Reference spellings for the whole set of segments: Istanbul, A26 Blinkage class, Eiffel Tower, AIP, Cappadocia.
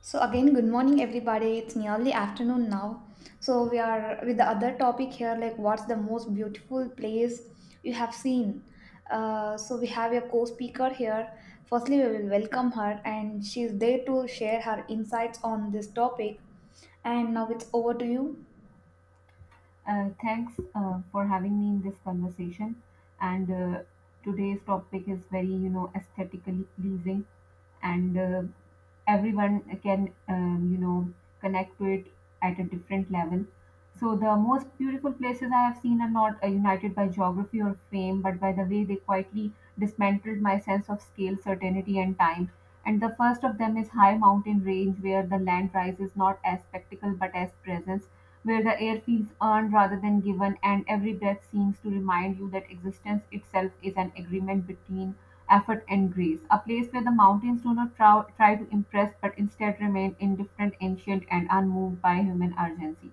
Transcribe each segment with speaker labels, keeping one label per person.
Speaker 1: So again, good morning, everybody. It's nearly afternoon now. So we are with the other topic here, like what's the most beautiful place you have seen? So we have a co-speaker here. Firstly, we will welcome her, and she's there to share her insights on this topic. And now it's over to you.
Speaker 2: Thanks for having me in this conversation. And today's topic is very, aesthetically pleasing, and everyone can, connect to it at a different level. So the most beautiful places I have seen are not united by geography or fame, but by the way they quietly dismantled my sense of scale, certainty, and time. And the first of them is high mountain range, where the land rises not as spectacle but as presence, where the air feels earned rather than given, and every breath seems to remind you that existence itself is an agreement between effort and grace. A place where the mountains do not try to impress but instead remain indifferent, ancient, and unmoved by human urgency,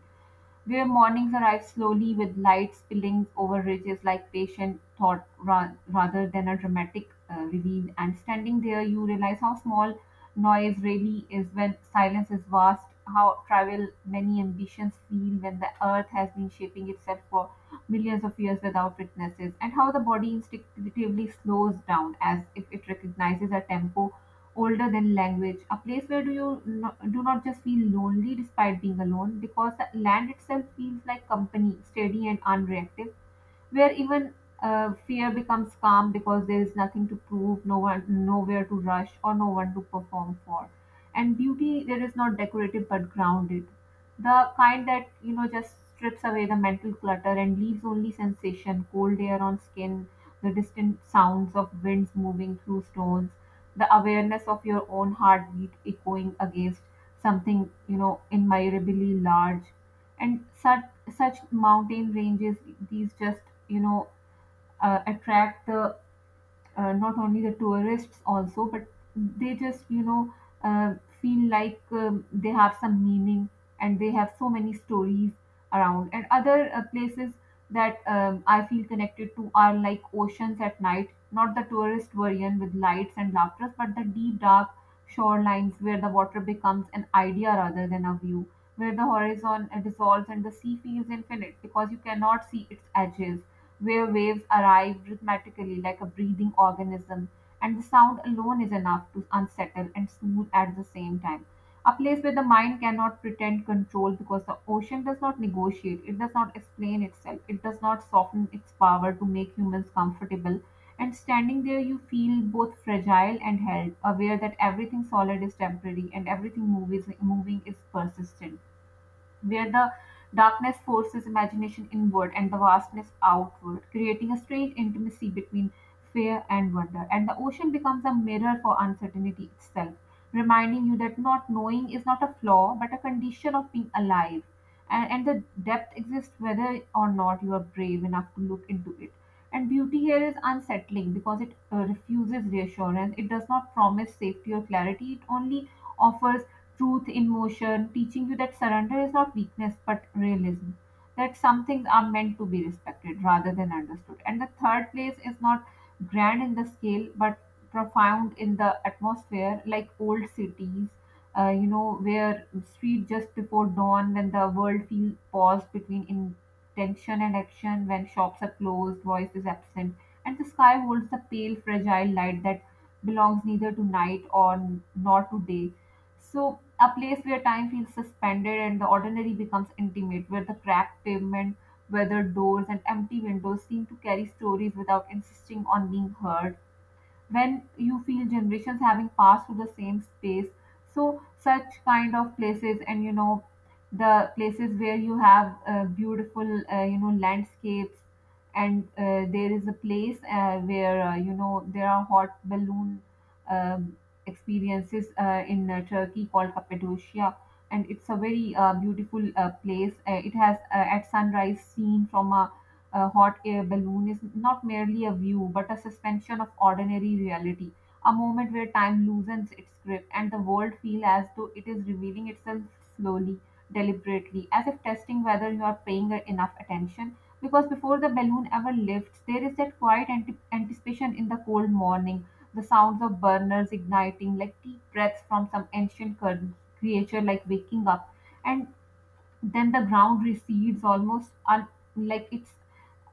Speaker 2: where mornings arrive slowly with light spilling over ridges like patient thought rather than a dramatic reveal. And standing there, you realize how small noise really is when silence is vast, how trivial many ambitions feel when the earth has been shaping itself for millions of years without witnesses, and how the body instinctively slows down as if it recognizes a tempo older than language, a place where do you no, do not just feel lonely despite being alone, because the land itself feels like company, steady and unreactive, where even fear becomes calm because there is nothing to prove, no one, nowhere to rush, or no one to perform for. And beauty there is not decorative but grounded, the kind that just strips away the mental clutter and leaves only sensation, cold air on skin, the distant sounds of winds moving through stones, the awareness of your own heartbeat echoing against something, immeasurably large. And such mountain ranges, these just, you know, attract the, not only the tourists also, but they just, uh, feel like, they have some meaning, and they have so many stories around. And other places that, I feel connected to, are like oceans at night, not the tourist version with lights and laughter, but the deep dark shorelines where the water becomes an idea rather than a view, where the horizon dissolves and the sea feels infinite because you cannot see its edges, where waves arrive rhythmically like a breathing organism, and the sound alone is enough to unsettle and soothe at the same time. A place where the mind cannot pretend control because the ocean does not negotiate, it does not explain itself, it does not soften its power to make humans comfortable. And standing there, you feel both fragile and held, aware that everything solid is temporary and everything moving is persistent, where the darkness forces imagination inward and the vastness outward, creating a strange intimacy between fear and wonder. And the ocean becomes a mirror for uncertainty itself, reminding you that not knowing is not a flaw but a condition of being alive. And the depth exists whether or not you are brave enough to look into it. And beauty here is unsettling because it refuses reassurance. It does not promise safety or clarity. It only offers truth in motion, teaching you that surrender is not weakness but realism, that some things are meant to be respected rather than understood. And the third place is not grand in the scale but profound in the atmosphere, like old cities, where street just before dawn when the world feels paused between intention and action, when shops are closed, voice is absent, and the sky holds the pale fragile light that belongs neither to night or nor to day, so a place where time feels suspended and the ordinary becomes intimate, where the cracked pavement, weathered doors and empty windows seem to carry stories without insisting on being heard, when you feel generations having passed through the same space. So such kind of places, and, the places where you have beautiful, landscapes, and, there is a place where, there are hot balloon, um, experiences, in, Turkey called Cappadocia. And it's a very beautiful place. It has, at sunrise, seen from a hot air balloon is not merely a view but a suspension of ordinary reality, a moment where time loosens its grip and the world feels as though it is revealing itself slowly, deliberately, as if testing whether you are paying enough attention. Because before the balloon ever lifts, there is that quiet anticipation in the cold morning, the sounds of burners igniting like deep breaths from some ancient creature, like waking up. And then the ground recedes almost like it's,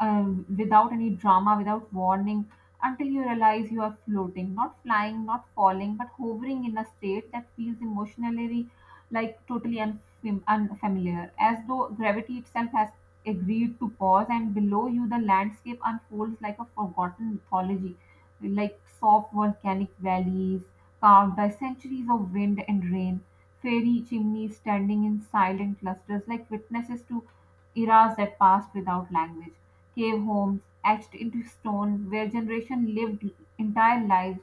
Speaker 2: uh, without any drama, without warning, until you realize you are floating, not flying, not falling, but hovering in a state that feels emotionally like totally unfamiliar, as though gravity itself has agreed to pause, and below you the landscape unfolds like a forgotten mythology, like soft volcanic valleys carved by centuries of wind and rain, fairy chimneys standing in silent clusters like witnesses to eras that passed without language, cave homes etched into stone where generations lived entire lives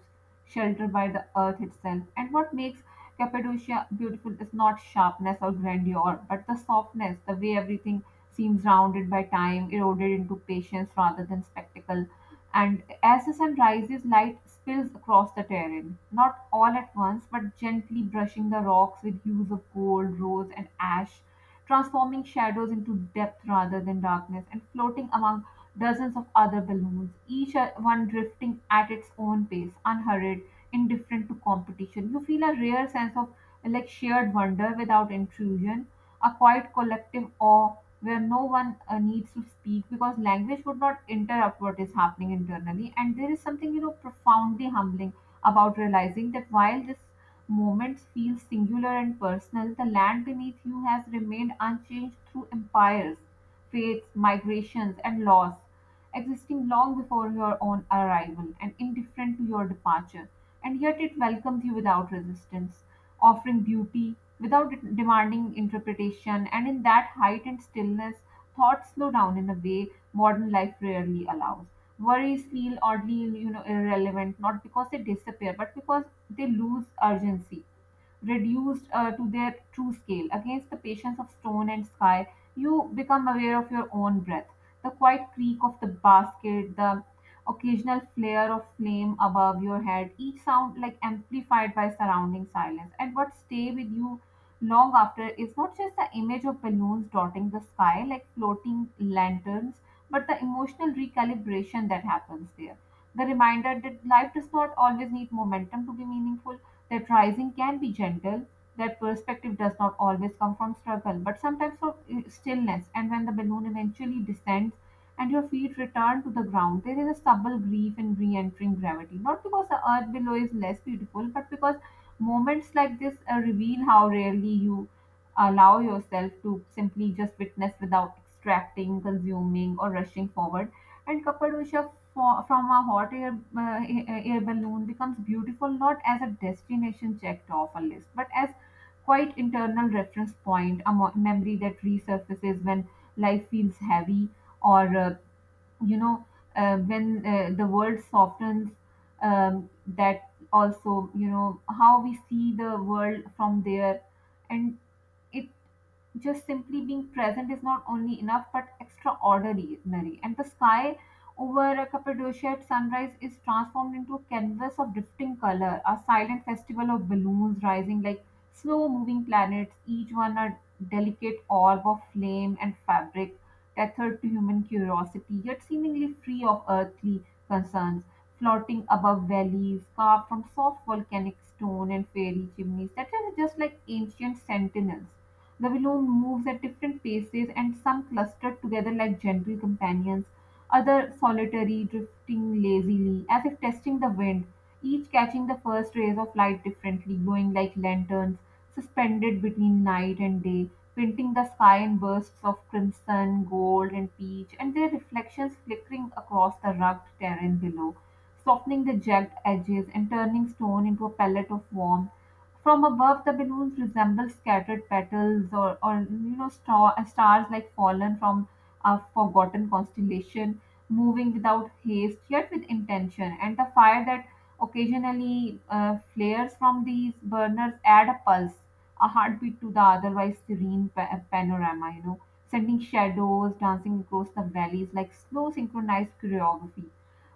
Speaker 2: sheltered by the earth itself. And what makes Cappadocia beautiful is not sharpness or grandeur, but the softness, the way everything seems rounded by time, eroded into patience rather than spectacle. And as the sun rises, light spills across the terrain, not all at once, but gently brushing the rocks with hues of gold, rose, and ash, transforming shadows into depth rather than darkness. And floating among dozens of other balloons, each one drifting at its own pace, unhurried, indifferent to competition. You feel a rare sense of like shared wonder without intrusion, a quiet collective awe where no one needs to speak, because language would not interrupt what is happening internally. And there is something, profoundly humbling about realizing that while this moments feel singular and personal, the land beneath you has remained unchanged through empires, fates, migrations, and loss, existing long before your own arrival and indifferent to your departure, and yet it welcomes you without resistance, offering beauty without demanding interpretation. And in that height and stillness, thoughts slow down in a way modern life rarely allows. Worries feel oddly, irrelevant, not because they disappear, but because they lose urgency, reduced, to their true scale. Against the patience of stone and sky, you become aware of your own breath, the quiet creak of the basket, the occasional flare of flame above your head, each sound like amplified by surrounding silence. And what stay with you long after is not just the image of balloons dotting the sky like floating lanterns, but the emotional recalibration that happens there. The reminder that life does not always need momentum to be meaningful, that rising can be gentle, that perspective does not always come from struggle, but sometimes from stillness. And when the balloon eventually descends and your feet return to the ground, there is a subtle grief in re entering gravity. Not because the earth below is less beautiful, but because moments like this reveal how rarely you allow yourself to simply just witness without extracting, consuming, or rushing forward. And Cappadocia from a hot air balloon becomes beautiful not as a destination checked off a list, but as quite internal reference point, a memory that resurfaces when life feels heavy, or, you know, when the world softens, that also, how we see the world from there. And it just simply being present is not only enough but extraordinary. And the sky over Cappadocia at sunrise is transformed into a canvas of drifting color, a silent festival of balloons rising like slow moving planets, each one a delicate orb of flame and fabric, tethered to human curiosity, yet seemingly free of earthly concerns. Floating above valleys carved from soft volcanic stone and fairy chimneys that are just like ancient sentinels, Babylon moves at different paces, and some cluster together like gentle companions, other solitary, drifting lazily, as if testing the wind, each catching the first rays of light differently, glowing like lanterns, suspended between night and day, painting the sky in bursts of crimson, gold, and peach, and their reflections flickering across the rugged terrain below, softening the jagged edges and turning stone into a pellet of warmth. From above, the balloons resemble scattered petals, or, stars like fallen from a forgotten constellation, moving without haste yet with intention. And the fire that occasionally flares from these burners add a pulse, a heartbeat to the otherwise serene panorama, sending shadows dancing across the valleys like slow synchronized choreography.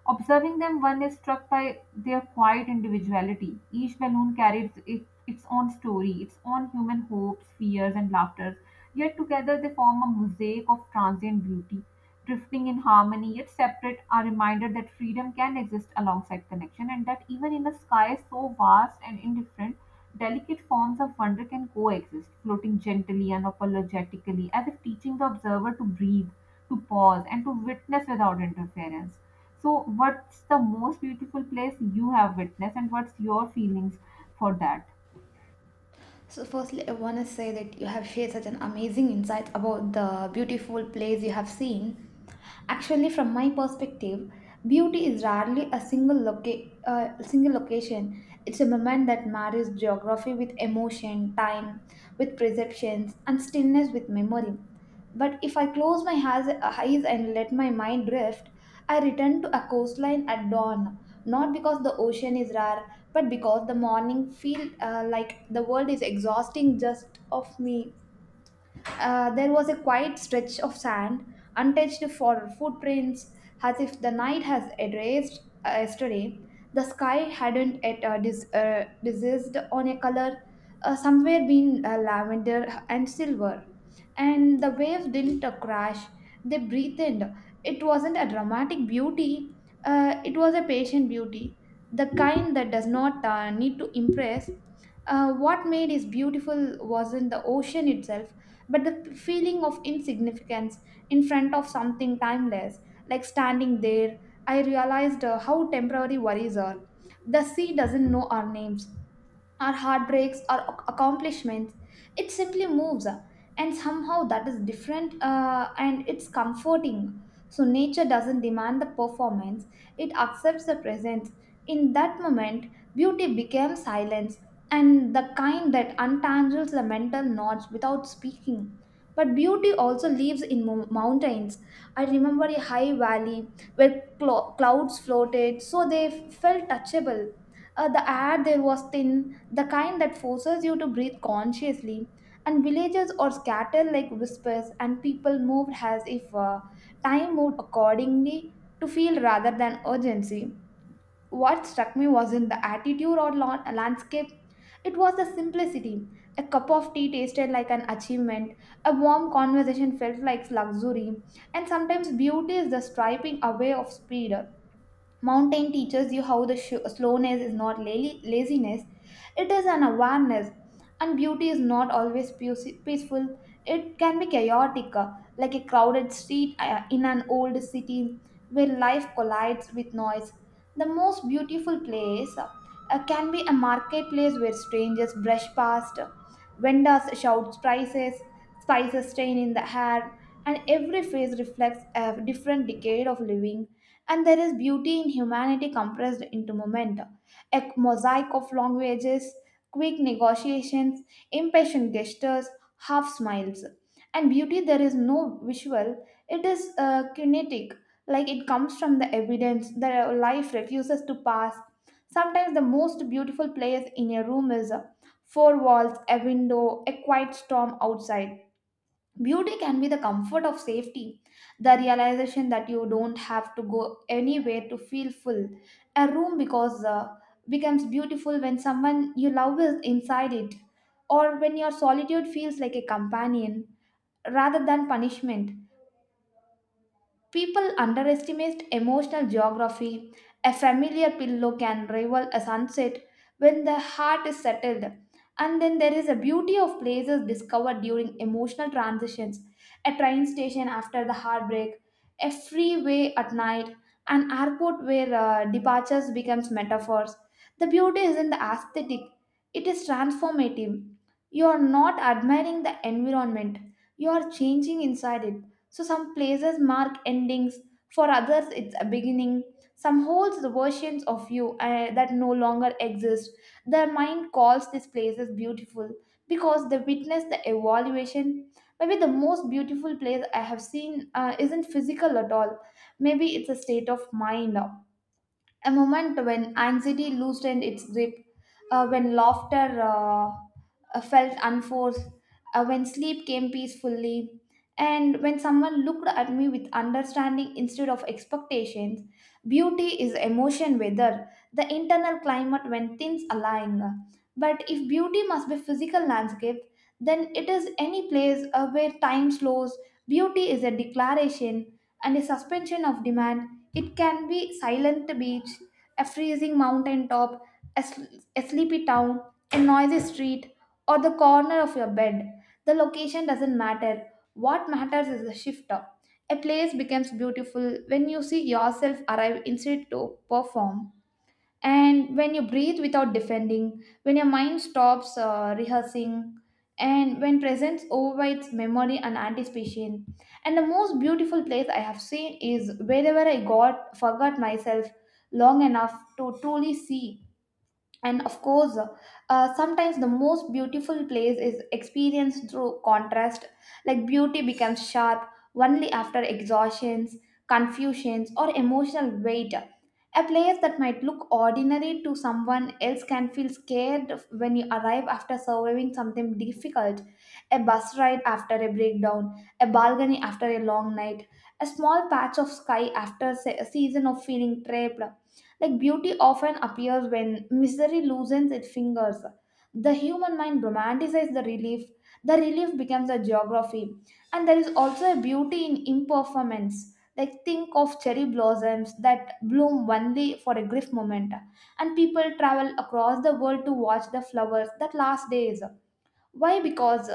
Speaker 2: Observing them, one is struck by their quiet individuality. Each balloon carries its own story, its own human hopes, fears, and laughters. Yet together they form a mosaic of transient beauty drifting in harmony yet separate, are reminded that freedom can exist alongside connection, and that even in a sky so vast and indifferent, delicate forms of wonder can coexist, floating gently and apologetically, as if teaching the observer to breathe, to pause, and to witness without interference. So, what's the most beautiful place you have witnessed, and what's your feelings for that?
Speaker 1: So, firstly, I want to say that you have shared such an amazing insight about the beautiful place you have seen. Actually, from my perspective, beauty is rarely a single location. It's a moment that marries geography with emotion, time with perceptions, and stillness with memory. But if I close my eyes and let my mind drift, I return to a coastline at dawn, not because the ocean is rare but because the morning feel like the world is exhausting just of me. There was a quiet stretch of sand, untouched for footprints, as if the night has erased yesterday. The sky hadn't yet diseased on a color, somewhere been lavender and silver. And the waves didn't crash, they breathed. It wasn't a dramatic beauty, it was a patient beauty, the kind that does not need to impress. What made it beautiful wasn't the ocean itself but the feeling of insignificance in front of something timeless. Like standing there, I realized how temporary worries are. The sea doesn't know our names, or heartbreaks or accomplishments. It simply moves, and somehow that is different, and it's comforting. So nature doesn't demand the performance, it accepts the presence. In that moment, beauty becomes silence, and the kind that untangles the mental knots without speaking. But beauty also lives in mountains. I remember a high valley where clouds floated so they felt touchable. The air there was thin, the kind that forces you to breathe consciously. And villages are scattered like whispers, and people moved as if time moved accordingly to feel rather than urgency. What struck me wasn't the attitude or landscape, it was the simplicity. A cup of tea tasted like an achievement, a warm conversation felt like luxury, and sometimes beauty is the striping away of speed. Mountain teaches you how the slowness is not laziness, it is an awareness. And beauty is not always peaceful, it can be chaotic, like a crowded street in an old city where life collides with noise. The most beautiful place can be a marketplace where strangers brush past, vendors shout prices, spices stain in the air, and every face reflects a different decade of living. And there is beauty in humanity compressed into momentum. A mosaic of languages, quick negotiations, impatient gestures, half smiles. And beauty, there is no visual, it is kinetic, like it comes from the evidence that life refuses to pass. Sometimes the most beautiful place in a room is four walls, a window, a quiet storm outside. Beauty can be the comfort of safety, the realization that you don't have to go anywhere to feel full. A room because becomes beautiful when someone you love is inside it, or when your solitude feels like a companion rather than punishment. People underestimate emotional geography. A familiar pillow can rival a sunset when the heart is settled. And then there is a beauty of places discovered during emotional transitions: a train station after the heartbreak, a freeway at night, an airport where departures becomes metaphors. The beauty is in the aesthetic. It is transformative. You are not admiring the environment. You are changing inside it. So some places mark endings, for others it's a beginning. Some holds the versions of you that no longer exist. The mind calls these places beautiful because they witness the evaluation. Maybe the most beautiful place I have seen isn't physical at all. Maybe it's a state of mind, a moment when anxiety loosened its grip, when laughter felt unforced, when sleep came peacefully, and when someone looked at me with understanding instead of expectations. Beauty is emotion weather, the internal climate when things align. But if beauty must be physical landscape, then it is any place where time slows. Beauty is a declaration and a suspension of demand. It can be silent beach, a freezing mountain top, a, sl- a sleepy town, a noisy street, or the corner of your bed. The location doesn't matter. What matters is the shifter. A place becomes beautiful when you see yourself arrive instead to perform, and when you breathe without defending, when your mind stops rehearsing, and when presence overrides memory and anticipation. And the most beautiful place I have seen is wherever I got forgot myself long enough to truly see. And of course, sometimes the most beautiful place is experienced through contrast, like beauty becomes sharp only after exhaustions, confusions or emotional weight. A place that might look ordinary to someone else can feel scared when you arrive after surviving something difficult: a bus ride after a breakdown, a balcony after a long night, a small patch of sky after a season of feeling trapped. Like beauty often appears when misery loosens its fingers. The human mind romanticizes the relief. The relief becomes a geography. And there is also a beauty in imperformance. Like think of cherry blossoms that bloom only for a brief moment. And people travel across the world to watch the flowers that last days. Why? Because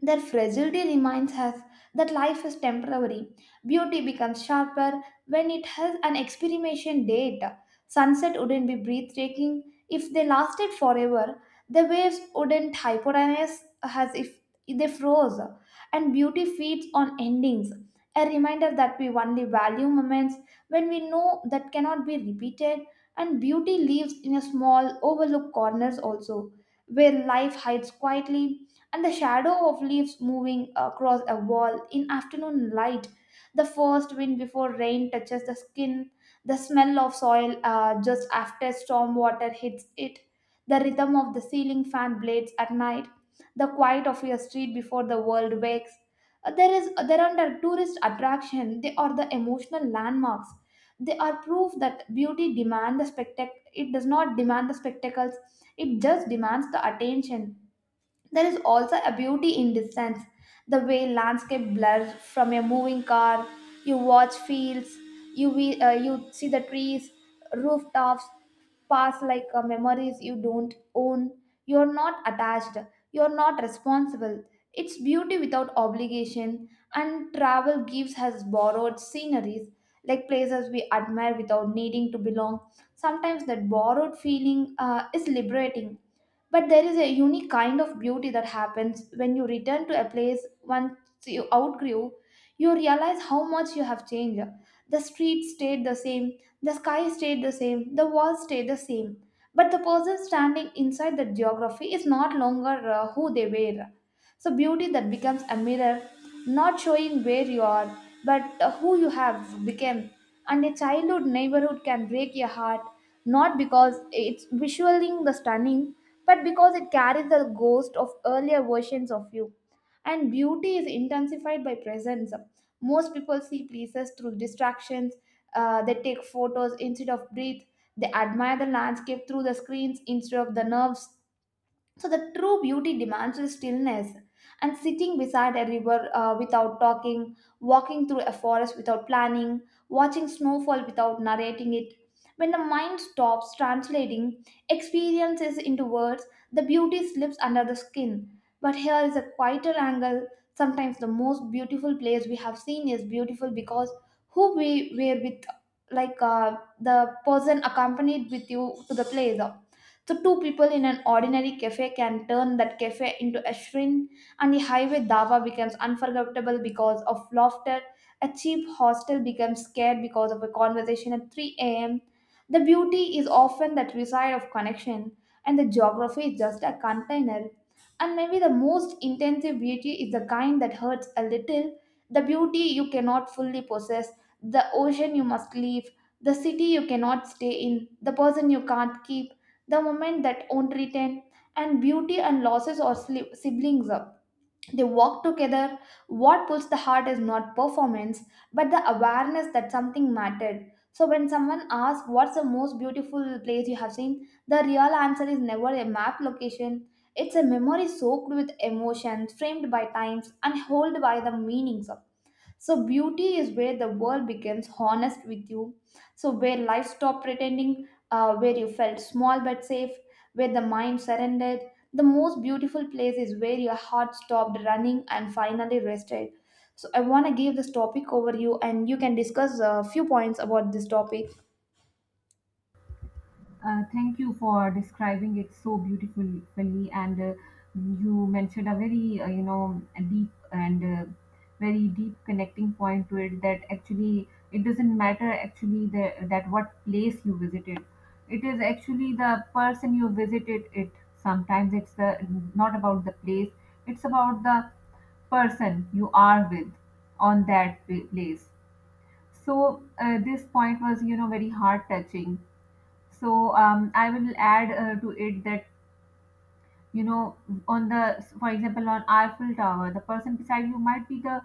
Speaker 1: their fragility reminds us that life is temporary. Beauty becomes sharper when it has an expiration date. Sunset wouldn't be breathtaking if they lasted forever. The waves wouldn't hypotonize as if they froze. And beauty feeds on endings. A reminder that we only value moments when we know that cannot be repeated. And beauty lives in a small, overlooked corners also, where life hides quietly, and the shadow of leaves moving across a wall in afternoon light. The first wind before rain touches the skin, the smell of soil just after storm water hits it, the rhythm of the ceiling fan blades at night, the quiet of your street before the world wakes. There aren't a tourist attraction. They are the emotional landmarks. They are proof that beauty demand the spectac. It does not demand the spectacles. It just demands the attention. There is also a beauty in distance, the way landscape blurs from a moving car. You watch fields, you see the trees, rooftops, pass like memories you don't own. You're not attached. You're not responsible. It's beauty without obligation, and travel gives us borrowed sceneries, like places we admire without needing to belong. Sometimes that borrowed feeling is liberating. But there is a unique kind of beauty that happens when you return to a place once you outgrew. You realize how much you have changed. The street stayed the same, the sky stayed the same, the walls stayed the same. But the person standing inside the geography is not longer who they were. So, beauty that becomes a mirror, not showing where you are, but who you have become. And a childhood neighborhood can break your heart, not because it's visualizing the stunning, but because it carries the ghost of earlier versions of you. And beauty is intensified by presence. Most people see places through distractions, they take photos instead of breathe, they admire the landscape through the screens instead of the nerves. So the true beauty demands stillness, and sitting beside a river without talking, walking through a forest without planning, watching snowfall without narrating it. When the mind stops translating experiences into words, the beauty slips under the skin. But here is a quieter angle. Sometimes the most beautiful place we have seen is beautiful because who we were with, like the person accompanied with you to the place. So, two people in an ordinary cafe can turn that cafe into a shrine, and a highway dawa becomes unforgettable because of laughter. A cheap hostel becomes scared because of a conversation at 3 a.m. The beauty is often that reside of connection, and the geography is just a container. And maybe the most intensive beauty is the kind that hurts a little, the beauty you cannot fully possess, the ocean you must leave, the city you cannot stay in, the person you can't keep, the moment that won't return. And beauty and losses or siblings up, they walk together. What pulls the heart is not performance but the awareness that something mattered. So when someone asks what's the most beautiful place you have seen, the real answer is never a map location. It's a memory soaked with emotions, framed by times and held by the meanings of. So beauty is where the world becomes honest with you. So where life stopped pretending, where you felt small but safe, where the mind surrendered. The most beautiful place is where your heart stopped running and finally rested. So I want to give this topic over you, and you can discuss a few points about this topic.
Speaker 2: Thank you for describing it so beautifully, and you mentioned a very a deep and very deep connecting point to it, that actually it doesn't matter actually that what place you visited. It is actually the person you visited. It sometimes it's the not about the place. It's about the person you are with on that place. So this point was, very heart touching. So I will add to it that, you know, on the for example, on Eiffel Tower, the person beside you might be the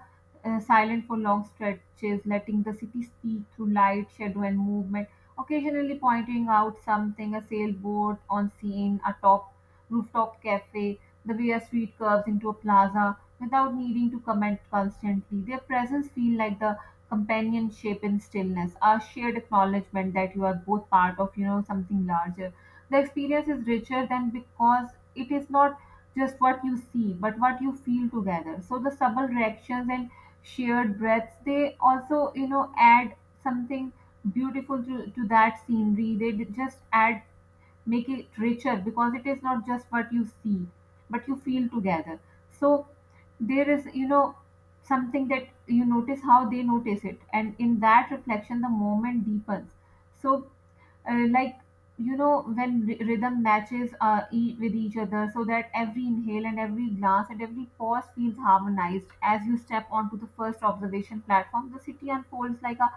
Speaker 2: silent for long stretches, letting the city speak through light, shadow, and movement. Occasionally pointing out something, a sailboat on scene, a top rooftop cafe, the way a street curves into a plaza, without needing to comment constantly. Their presence feel like the companionship in stillness, a shared acknowledgement that you are both part of something larger. The experience is richer than because it is not just what you see, but what you feel together. So the subtle reactions and shared breaths, they also, add something beautiful to that scenery. They just add, make it richer because it is not just what you see, but you feel together. So there is, something that you notice how they notice it. And in that reflection, the moment deepens. So like, when rhythm matches with each other, so that every inhale and every glance and every pause feels harmonized. As you step onto the first observation platform, the city unfolds like a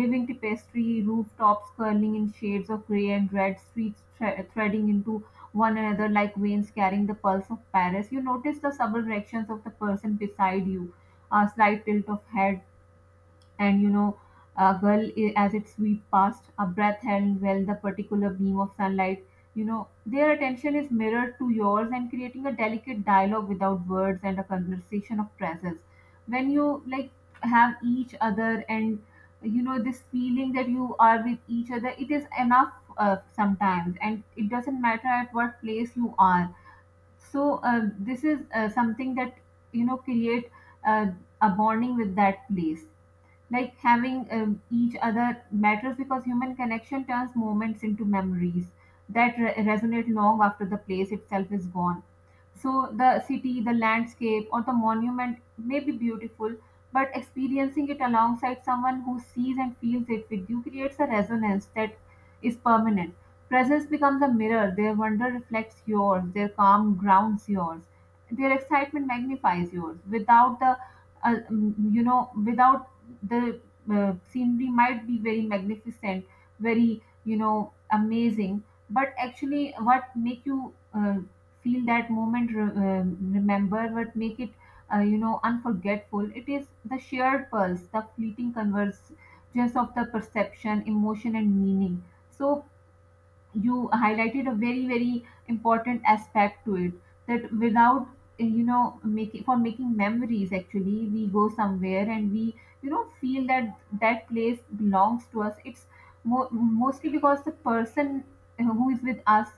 Speaker 2: living tapestry, rooftops curling in shades of gray and red, streets threading into one another like veins carrying the pulse of Paris. You notice the subtle reactions of the person beside you, a slight tilt of head, and a gull as it swept past, a breath held well, the particular beam of sunlight. you know their attention is mirrored to yours and creating a delicate dialogue without words, and a conversation of presence when you, like, have each other. And this feeling that you are with each other, it is enough sometimes, and it doesn't matter at what place you are. So this is something that, create uh, a bonding with that place, like having each other matters because human connection turns moments into memories that resonate long after the place itself is gone. So the city, the landscape, or the monument may be beautiful, but experiencing it alongside someone who sees and feels it with you creates a resonance that is permanent. Presence becomes a mirror, their wonder reflects yours, their calm grounds yours, their excitement magnifies yours. Without the, mm, you know, without the Scenery might be very magnificent, very, amazing, but actually what make you feel that moment, remember what make it, unforgettable. It is the shared pulse, the fleeting convergence of the perception, emotion, and meaning. So you highlighted a very very important aspect to it, that without making for making memories, actually we go somewhere and we, feel that that place belongs to us. It's mostly because the person who is with us,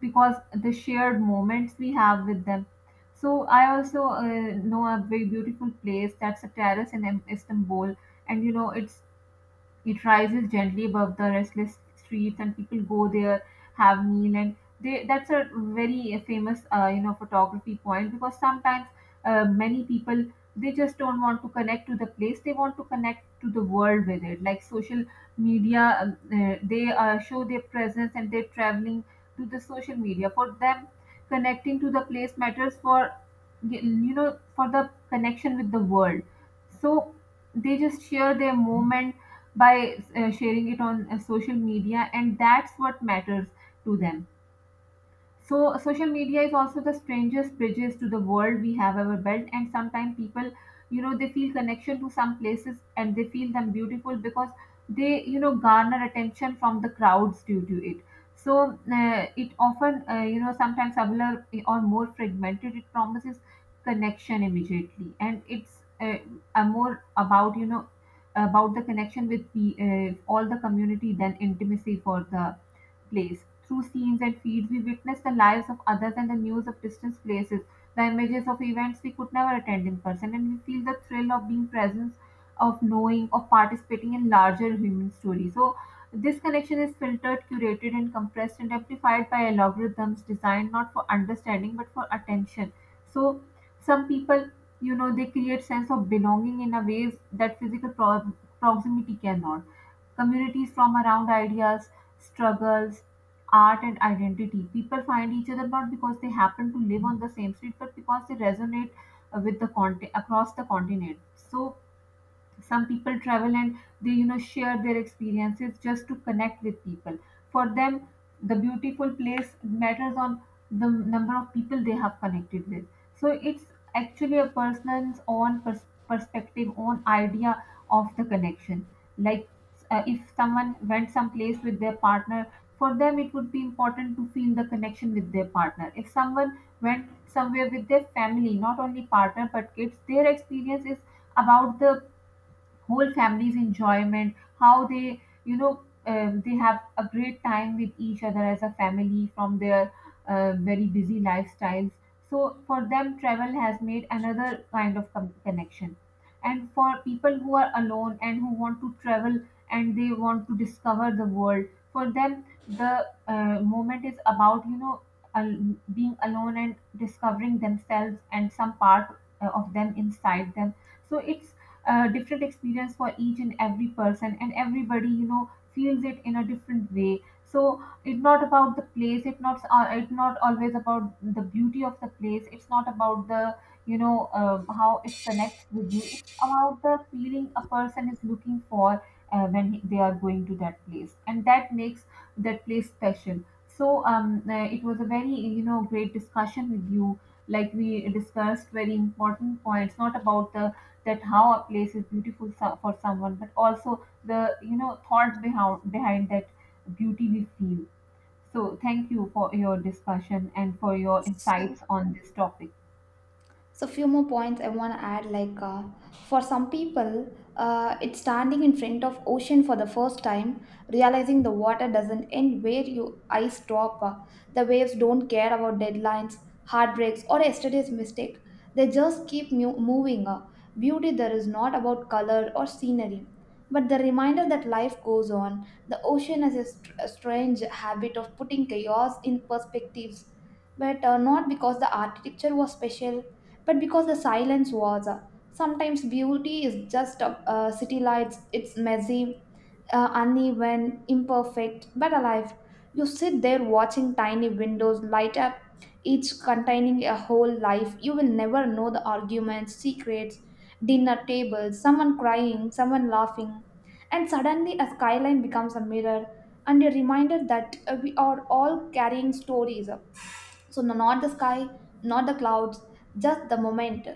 Speaker 2: because the shared moments we have with them. So I also know a very beautiful place, that's a terrace in Istanbul. And it's, it rises gently above the restless streets, and people go there, have meal, and they, that's a very famous, photography point. Because sometimes many people, they just don't want to connect to the place; they want to connect to the world with it. Like social media, they show their presence and they're traveling to the social media. For them, connecting to the place matters for, for the connection with the world. So they just share their moment by sharing it on social media, and that's what matters to them. So social media is also the strangest bridges to the world we have ever built, and sometimes people, they feel connection to some places and they feel them beautiful because they, garner attention from the crowds due to it. So it often sometimes subtler or more fragmented, it promises connection immediately, and it's a more about, about the connection with the, all the community than intimacy for the place. Through scenes and feeds, we witness the lives of others and the news of distant places, the images of events we could never attend in person, and we feel the thrill of being present, of knowing, of participating in larger human stories. So, this connection is filtered, curated, and compressed and amplified by algorithms designed not for understanding but for attention. So, some people, they create sense of belonging in a ways that physical proximity cannot, communities from around ideas, struggles, art, and identity. People find each other not because they happen to live on the same street, but because they resonate with the content across the continent. So some people travel and they, share their experiences just to connect with people. For them, the beautiful place matters on the number of people they have connected with. So it's actually a person's own perspective, own idea of the connection. Like if someone went someplace with their partner, for them it would be important to feel the connection with their partner. If someone went somewhere with their family, not only partner but kids, their experience is about the whole family's enjoyment, how they, they have a great time with each other as a family from their very busy lifestyles. So for them, travel has made another kind of connection. And for people who are alone and who want to travel and they want to discover the world, for them, the moment is about, al- being alone and discovering themselves and some part of them inside them. So it's different experience for each and every person, and everybody, feels it in a different way. So it's not about the place, it's not always about the beauty of the place, it's not about the, how it connects with you. It's about the feeling a person is looking for when they are going to that place, and that makes that place special. So it was a very, great discussion with you. Like we discussed very important points, not about the that how a place is beautiful for someone, but also the, thought behind that beauty we feel. So thank you for your discussion and for your
Speaker 1: So
Speaker 2: insights on this topic.
Speaker 1: So, few more points I want to add. For some people, it's standing in front of ocean for the first time, realizing the water doesn't end where your eyes stop. The waves don't care about deadlines, heartbreaks, or yesterday's mistake. They just keep moving. Beauty there is not about color or scenery, but the reminder that life goes on. The ocean has a strange habit of putting chaos in perspectives. But not because the architecture was special but because the silence was uh. Sometimes beauty is just city lights. It's messy, uneven, imperfect but alive. You sit there watching tiny windows light up, each containing a whole life you will never know: the arguments, secrets, dinner tables, someone crying, someone laughing. And suddenly a skyline becomes a mirror and a reminder that we are all carrying stories. So not the sky, not the clouds, just the moment.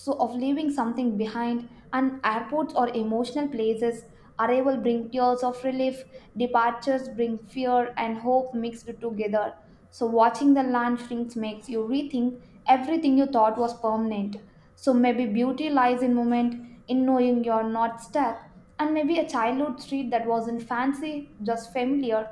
Speaker 1: So of leaving something behind, and airports or emotional places: arrival bring tears of relief, departures bring fear and hope mixed together. So watching the land shrinks makes you rethink everything you thought was permanent. So maybe beauty lies in moment, in knowing you're not stuck. And maybe a childhood street that wasn't fancy, just familiar,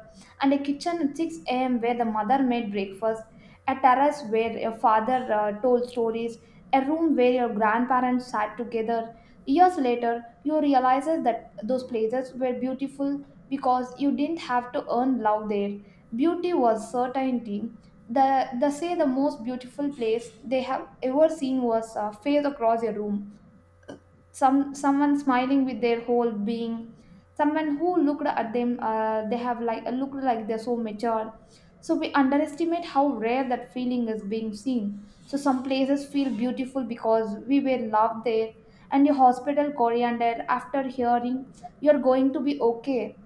Speaker 1: and a kitchen at 6 a.m. where the mother made breakfast, a terrace where your father told stories, a room where your grandparents sat together. Years later, you realize that those places were beautiful because you didn't have to earn love there. Beauty was certainty. The say the most beautiful place they have ever seen was face across your room, someone smiling with their whole being, someone who looked at them, they have looked like they're so mature. So we underestimate how rare that feeling is, being seen. So some places feel beautiful because we were loved there, and your hospital coriander after hearing you're going to be okay,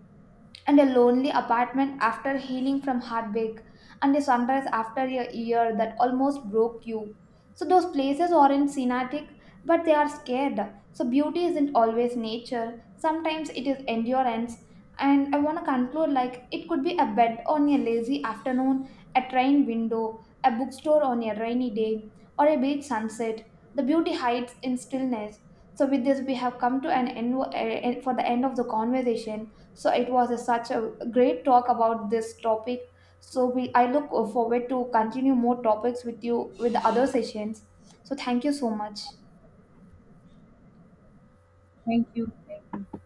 Speaker 1: and a lonely apartment after healing from heartbreak, and a sunrise after a year that almost broke you. So those places aren't scenic, but they are scared. So beauty isn't always nature. Sometimes it is endurance. And I want to conclude, like it could be a bed on a lazy afternoon, a train window, a bookstore on a rainy day, or a beach sunset. The beauty hides in stillness. So with this, we have come to an end for the end of the conversation. So it was a, such a great talk about this topic. So we I look forward to continue more topics with you with the other sessions. So thank you so much.
Speaker 2: Thank you, thank you.